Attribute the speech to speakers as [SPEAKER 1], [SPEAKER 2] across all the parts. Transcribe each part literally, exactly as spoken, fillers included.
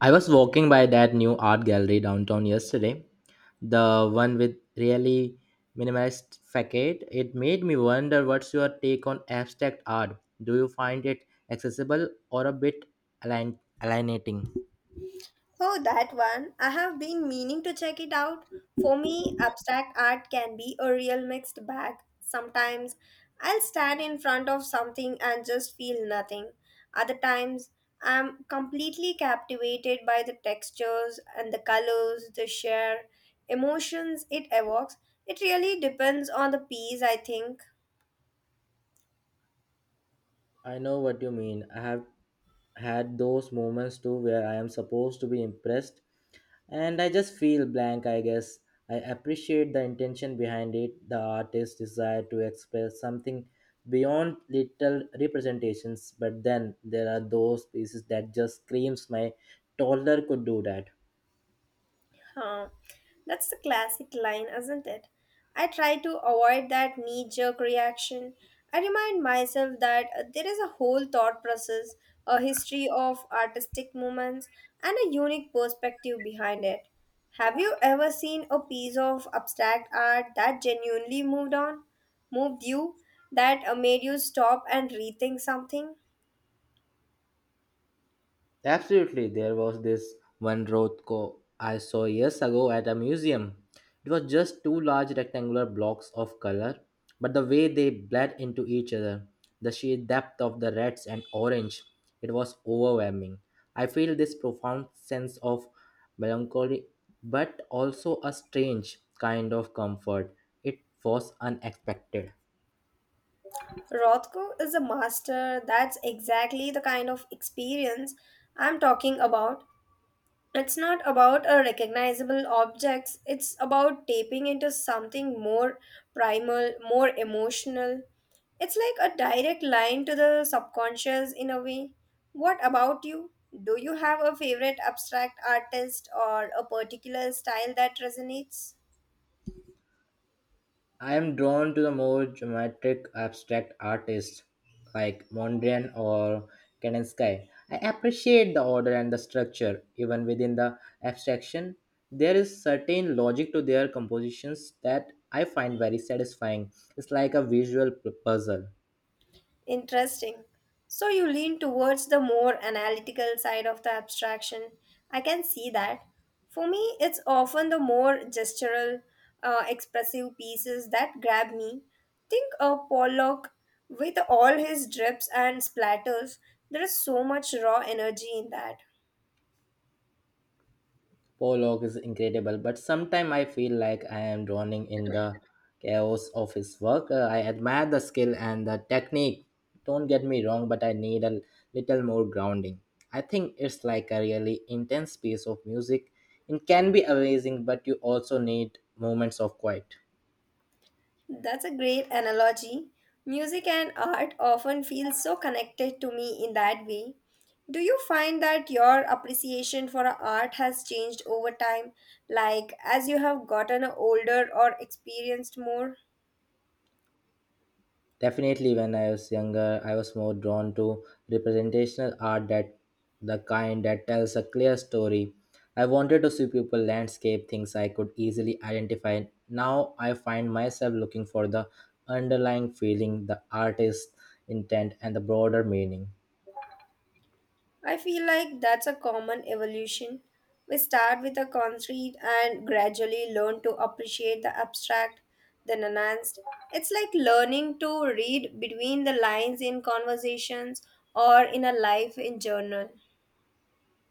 [SPEAKER 1] I was walking by that new art gallery downtown yesterday, the one with really minimalist facade. It made me wonder, what's your take on abstract art? Do you find it accessible or a bit alien- alienating?
[SPEAKER 2] Oh, that one. I have been meaning to check it out. For me, abstract art can be a real mixed bag. Sometimes I'll stand in front of something and just feel nothing. Other times, I'm completely captivated by the textures and the colors, the sheer emotions it evokes. It really depends on the piece, I think.
[SPEAKER 1] I know what you mean. I have had those moments too where I am supposed to be impressed and I just feel blank, I guess. I appreciate the intention behind it, the artist's desire to express something beyond little representations, but then there are those pieces that just screams my toddler could do that.
[SPEAKER 2] Huh. That's the classic line, isn't it? I try to avoid that knee jerk reaction. I remind myself that uh, there is a whole thought process, a history of artistic movements, and a unique perspective behind it. Have you ever seen a piece of abstract art that genuinely moved on, moved you, that uh, made you stop and rethink something?
[SPEAKER 1] Absolutely, there was this one Rothko I saw years ago at a museum. It was just two large rectangular blocks of color, but the way they bled into each other, the sheer depth of the reds and orange, it was overwhelming. I feel this profound sense of melancholy, but also a strange kind of comfort. It was unexpected.
[SPEAKER 2] Rothko is a master. That's exactly the kind of experience I'm talking about. It's not about a recognizable objects, it's about tapping into something more primal, more emotional. It's like a direct line to the subconscious in a way. What about you? Do you have a favorite abstract artist or a particular style that resonates?
[SPEAKER 1] I am drawn to the more geometric abstract artists like Mondrian or Kandinsky. I appreciate the order and the structure, even within the abstraction. There is certain logic to their compositions that I find very satisfying. It's like a visual p- puzzle.
[SPEAKER 2] Interesting. So you lean towards the more analytical side of the abstraction. I can see that. For me, it's often the more gestural, uh, expressive pieces that grab me. Think of Pollock with all his drips and splatters. There is so much raw energy in that.
[SPEAKER 1] Pollock is incredible, but sometimes I feel like I am drowning in the chaos of his work. Uh, I admire the skill and the technique. Don't get me wrong, but I need a little more grounding. I think it's like a really intense piece of music. It can be amazing, but you also need moments of quiet.
[SPEAKER 2] That's a great analogy. Music and art often feel so connected to me in that way. Do you find that your appreciation for art has changed over time, like as you have gotten older or experienced more?
[SPEAKER 1] Definitely, when I was younger, I was more drawn to representational art, that the kind that tells a clear story. I wanted to see people landscape things I could easily identify. Now I find myself looking for the underlying feeling, the artist's intent, and the broader meaning.
[SPEAKER 2] I feel like that's a common evolution. We start with the concrete and gradually learn to appreciate the abstract, the nuanced. It's like learning to read between the lines in conversations or in a life in journal.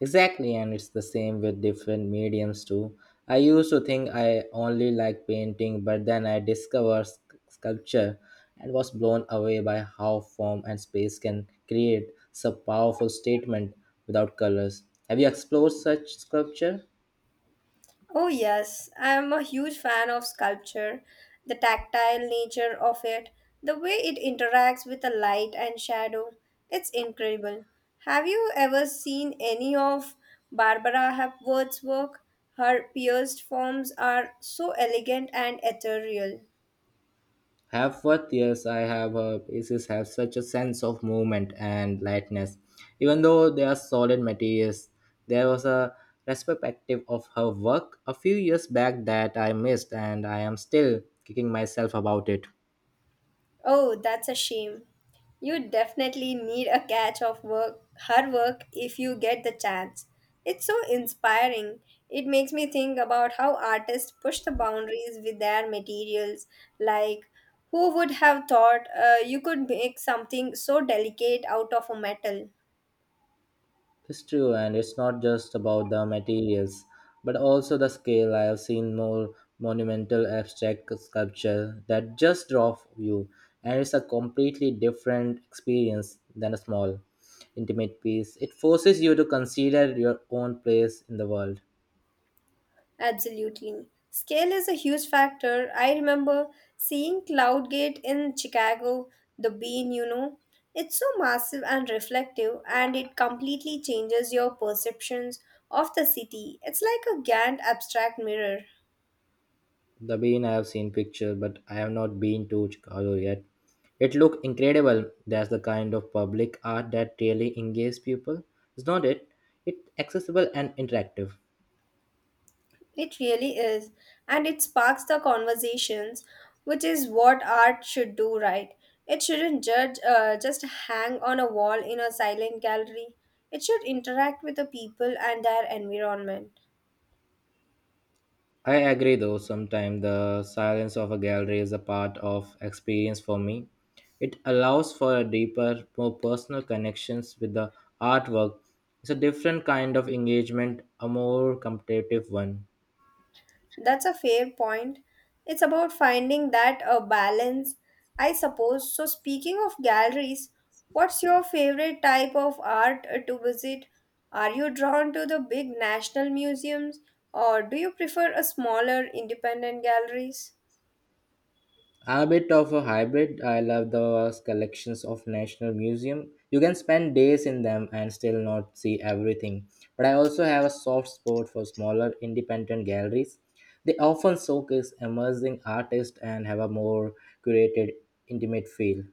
[SPEAKER 1] Exactly, and it's the same with different mediums too. I used to think I only like painting, but then I discovered sc- sculpture and was blown away by how form and space can create such powerful statement without colors. Have you explored such sculpture?
[SPEAKER 2] Oh, yes, I am a huge fan of sculpture, the tactile nature of it, the way it interacts with the light and shadow. It's incredible. Have you ever seen any of Barbara Hepworth's work? Her pierced forms are so elegant and ethereal.
[SPEAKER 1] Have what? Yes, I have. Uh, pieces have such a sense of movement and lightness. Even though they are solid materials, there was a retrospective of her work a few years back that I missed, and I am still kicking myself about it.
[SPEAKER 2] Oh, that's a shame. You definitely need a catch of work, her work if you get the chance. It's so inspiring. It makes me think about how artists push the boundaries with their materials. Like, who would have thought uh, you could make something so delicate out of a metal?
[SPEAKER 1] It's true, and it's not just about the materials, but also the scale. I have seen more monumental abstract sculpture that just draw you, and it's a completely different experience than a small, intimate piece. It forces you to consider your own place in the world.
[SPEAKER 2] Absolutely. Scale is a huge factor. I remember seeing Cloudgate in Chicago, the bean, you know. It's so massive and reflective, and it completely changes your perceptions of the city. It's like a Gantt abstract mirror.
[SPEAKER 1] The bean, I have seen picture, but I have not been to Chicago yet. It looked incredible. That's the kind of public art that really engages people, is not it? It's accessible and interactive.
[SPEAKER 2] It really is. And it sparks the conversations, which is what art should do, right? It shouldn't judge, uh, just hang on a wall in a silent gallery. It should interact with the people and their environment.
[SPEAKER 1] I agree though, sometimes the silence of a gallery is a part of experience for me. It allows for a deeper, more personal connections with the artwork. It's a different kind of engagement, a more competitive one.
[SPEAKER 2] That's a fair point. It's about finding that a balance, I suppose. So speaking of galleries, what's your favorite type of art uh, to visit? Are you drawn to the big national museums or do you prefer a smaller independent galleries?
[SPEAKER 1] I'm a bit of a hybrid. I love those collections of national museum. You can spend days in them and still not see everything. But I also have a soft spot for smaller independent galleries. They often showcase emerging artists and have a more curated, intimate feel.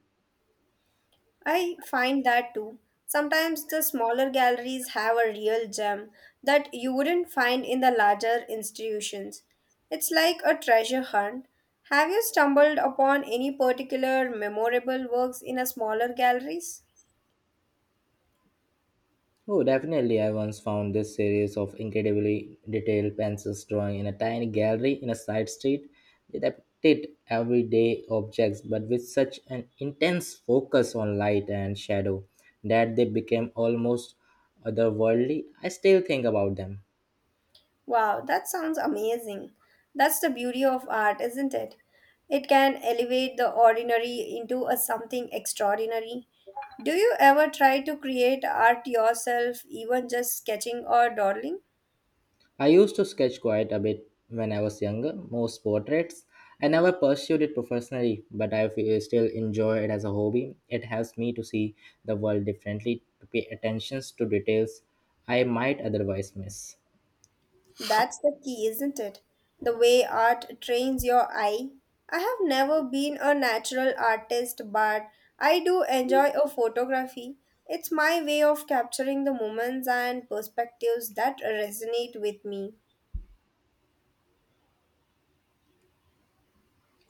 [SPEAKER 2] I find that too. Sometimes the smaller galleries have a real gem that you wouldn't find in the larger institutions. It's like a treasure hunt. Have you stumbled upon any particular memorable works in a smaller galleries?
[SPEAKER 1] Oh, definitely. I once found this series of incredibly detailed pencils drawing in a tiny gallery in a side street. They depicted everyday objects, but with such an intense focus on light and shadow that they became almost otherworldly. I still think about them.
[SPEAKER 2] Wow, that sounds amazing. That's the beauty of art, isn't it? It can elevate the ordinary into a something extraordinary. Do you ever try to create art yourself, even just sketching or dawdling?
[SPEAKER 1] I used to sketch quite a bit when I was younger, most portraits. I never pursued it professionally, but I feel- still enjoy it as a hobby. It helps me to see the world differently, to pay attention to details I might otherwise miss.
[SPEAKER 2] That's the key, isn't it? The way art trains your eye. I have never been a natural artist, but I do enjoy a photography. It's my way of capturing the moments and perspectives that resonate with me.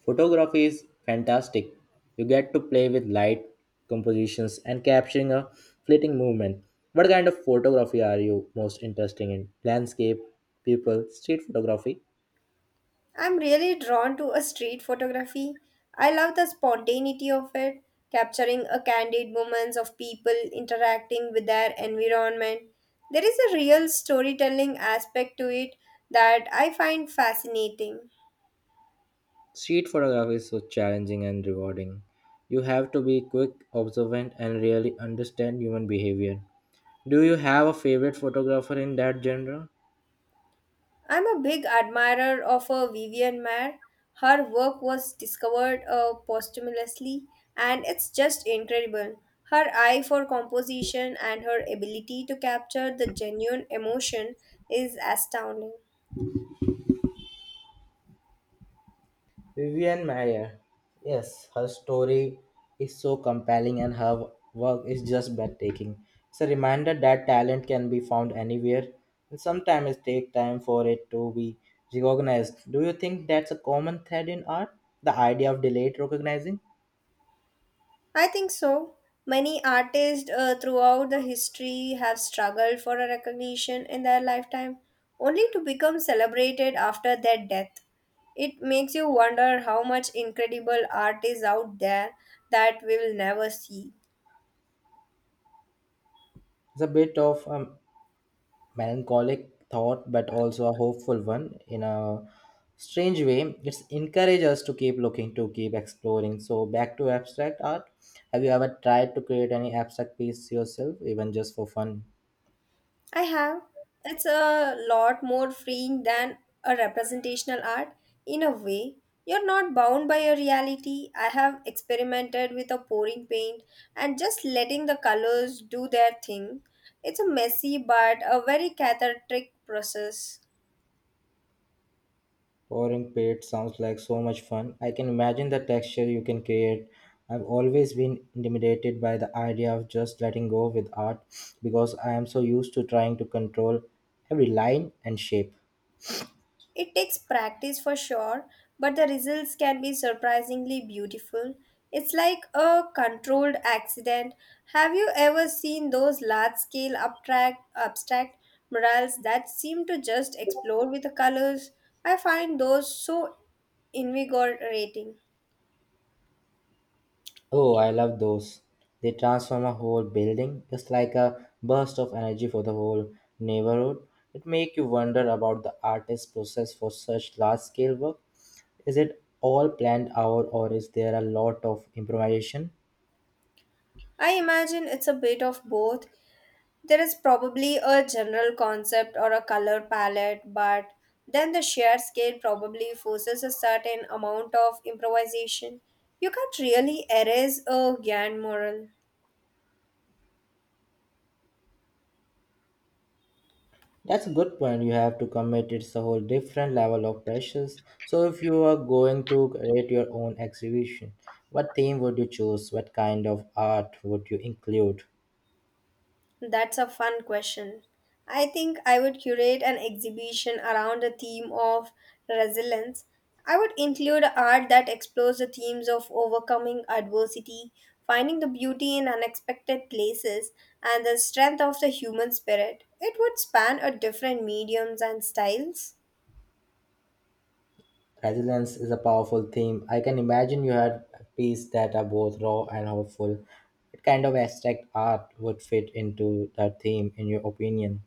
[SPEAKER 1] Photography is fantastic. You get to play with light, compositions, and capturing a fleeting movement. What kind of photography are you most interested in? Landscape, people, street photography?
[SPEAKER 2] I'm really drawn to a street photography. I love the spontaneity of it, capturing a candid moments of people interacting with their environment. There is a real storytelling aspect to it that I find fascinating.
[SPEAKER 1] Street photography is so challenging and rewarding. You have to be quick, observant, and really understand human behavior. Do you have a favorite photographer in that genre?
[SPEAKER 2] I'm a big admirer of uh, Vivian Mayer. Her work was discovered uh, posthumously, and it's just incredible. Her eye for composition and her ability to capture the genuine emotion is astounding.
[SPEAKER 1] Vivian Mayer, yes. Her story is so compelling and her work is just breathtaking. It's a reminder that talent can be found anywhere and sometimes it takes time for it to be recognized. Do you think that's a common thread in art? The idea of delayed recognizing?
[SPEAKER 2] I think so. Many artists uh, throughout the history have struggled for a recognition in their lifetime, only to become celebrated after their death. It makes you wonder how much incredible art is out there that we'll never see.
[SPEAKER 1] It's a bit of um, melancholic thought, but also a hopeful one. In a strange way, it's encourages us to keep looking, to keep exploring. So back to abstract art, have you ever tried to create any abstract piece yourself, even just for fun?
[SPEAKER 2] I have. It's a lot more freeing than a representational art. In a way, you're not bound by a reality. I have experimented with a pouring paint and just letting the colors do their thing. It's a messy but a very cathartic process.
[SPEAKER 1] Pouring paint sounds like so much fun. I can imagine the texture you can create. I've always been intimidated by the idea of just letting go with art, because I am so used to trying to control every line and shape.
[SPEAKER 2] It takes practice for sure, but the results can be surprisingly beautiful. It's like a controlled accident. Have you ever seen those large scale abstract, abstract murals that seem to just explode with the colors? I find those so invigorating.
[SPEAKER 1] Oh, I love those. They transform a whole building. It's like a burst of energy for the whole neighborhood. It makes you wonder about the artist's process for such large scale work. Is it all planned out or is there a lot of improvisation?
[SPEAKER 2] I imagine it's a bit of both. There is probably a general concept or a color palette, but then the shared scale probably forces a certain amount of improvisation. You can't really erase a grand moral.
[SPEAKER 1] That's a good point. You have to commit. It's a whole different level of pressures. So if you are going to create your own exhibition, what theme would you choose? What kind of art would you include?
[SPEAKER 2] That's a fun question. I think I would curate an exhibition around the theme of resilience. I would include art that explores the themes of overcoming adversity, finding the beauty in unexpected places, and the strength of the human spirit. It would span a different mediums and styles.
[SPEAKER 1] Resilience is a powerful theme. I can imagine you had pieces that are both raw and hopeful. What kind of abstract art would fit into that theme, in your opinion?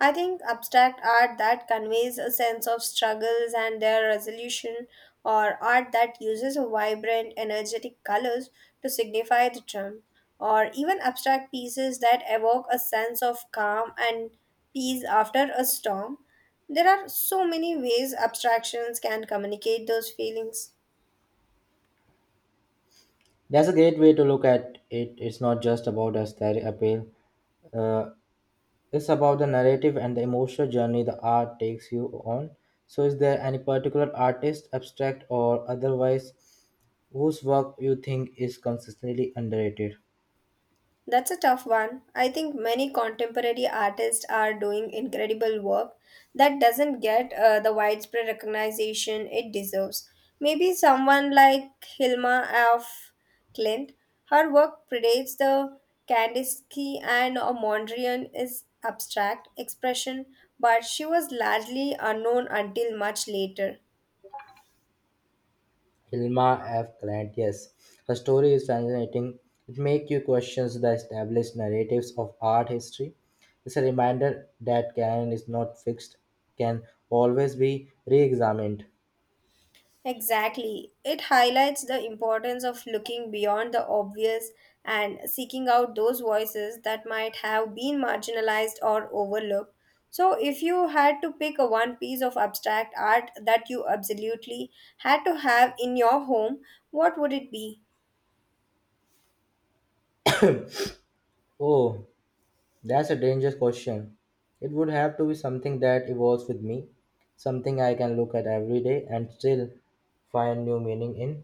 [SPEAKER 2] I think abstract art that conveys a sense of struggles and their resolution, or art that uses vibrant, energetic colors to signify the charm, or even abstract pieces that evoke a sense of calm and peace after a storm. There are so many ways abstractions can communicate those feelings.
[SPEAKER 1] That's a great way to look at it. It's not just about aesthetic appeal, uh, it's about the narrative and the emotional journey the art takes you on. So, is there any particular artist, abstract or otherwise, whose work you think is consistently underrated?
[SPEAKER 2] That's a tough one. I think many contemporary artists are doing incredible work that doesn't get uh, the widespread recognition it deserves. Maybe someone like Hilma af Klint, her work predates the Kandinsky and uh, Mondrian is abstract expression, but she was largely unknown until much later.
[SPEAKER 1] Hilma F. Grant, yes. Her story is fascinating. It makes you question the established narratives of art history. It's a reminder that canon is not fixed, can always be re examined.
[SPEAKER 2] Exactly. It highlights the importance of looking beyond the obvious and seeking out those voices that might have been marginalized or overlooked. So, if you had to pick a one piece of abstract art that you absolutely had to have in your home, what would it be?
[SPEAKER 1] Oh, that's a dangerous question. It would have to be something that evolves with me, something I can look at every day and still find new meaning in.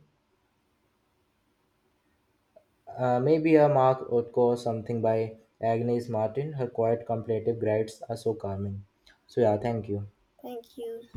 [SPEAKER 1] Uh, maybe a Mark Utko, something by Agnes Martin. Her quiet, contemplative grades are so calming. So yeah, thank you.
[SPEAKER 2] Thank you.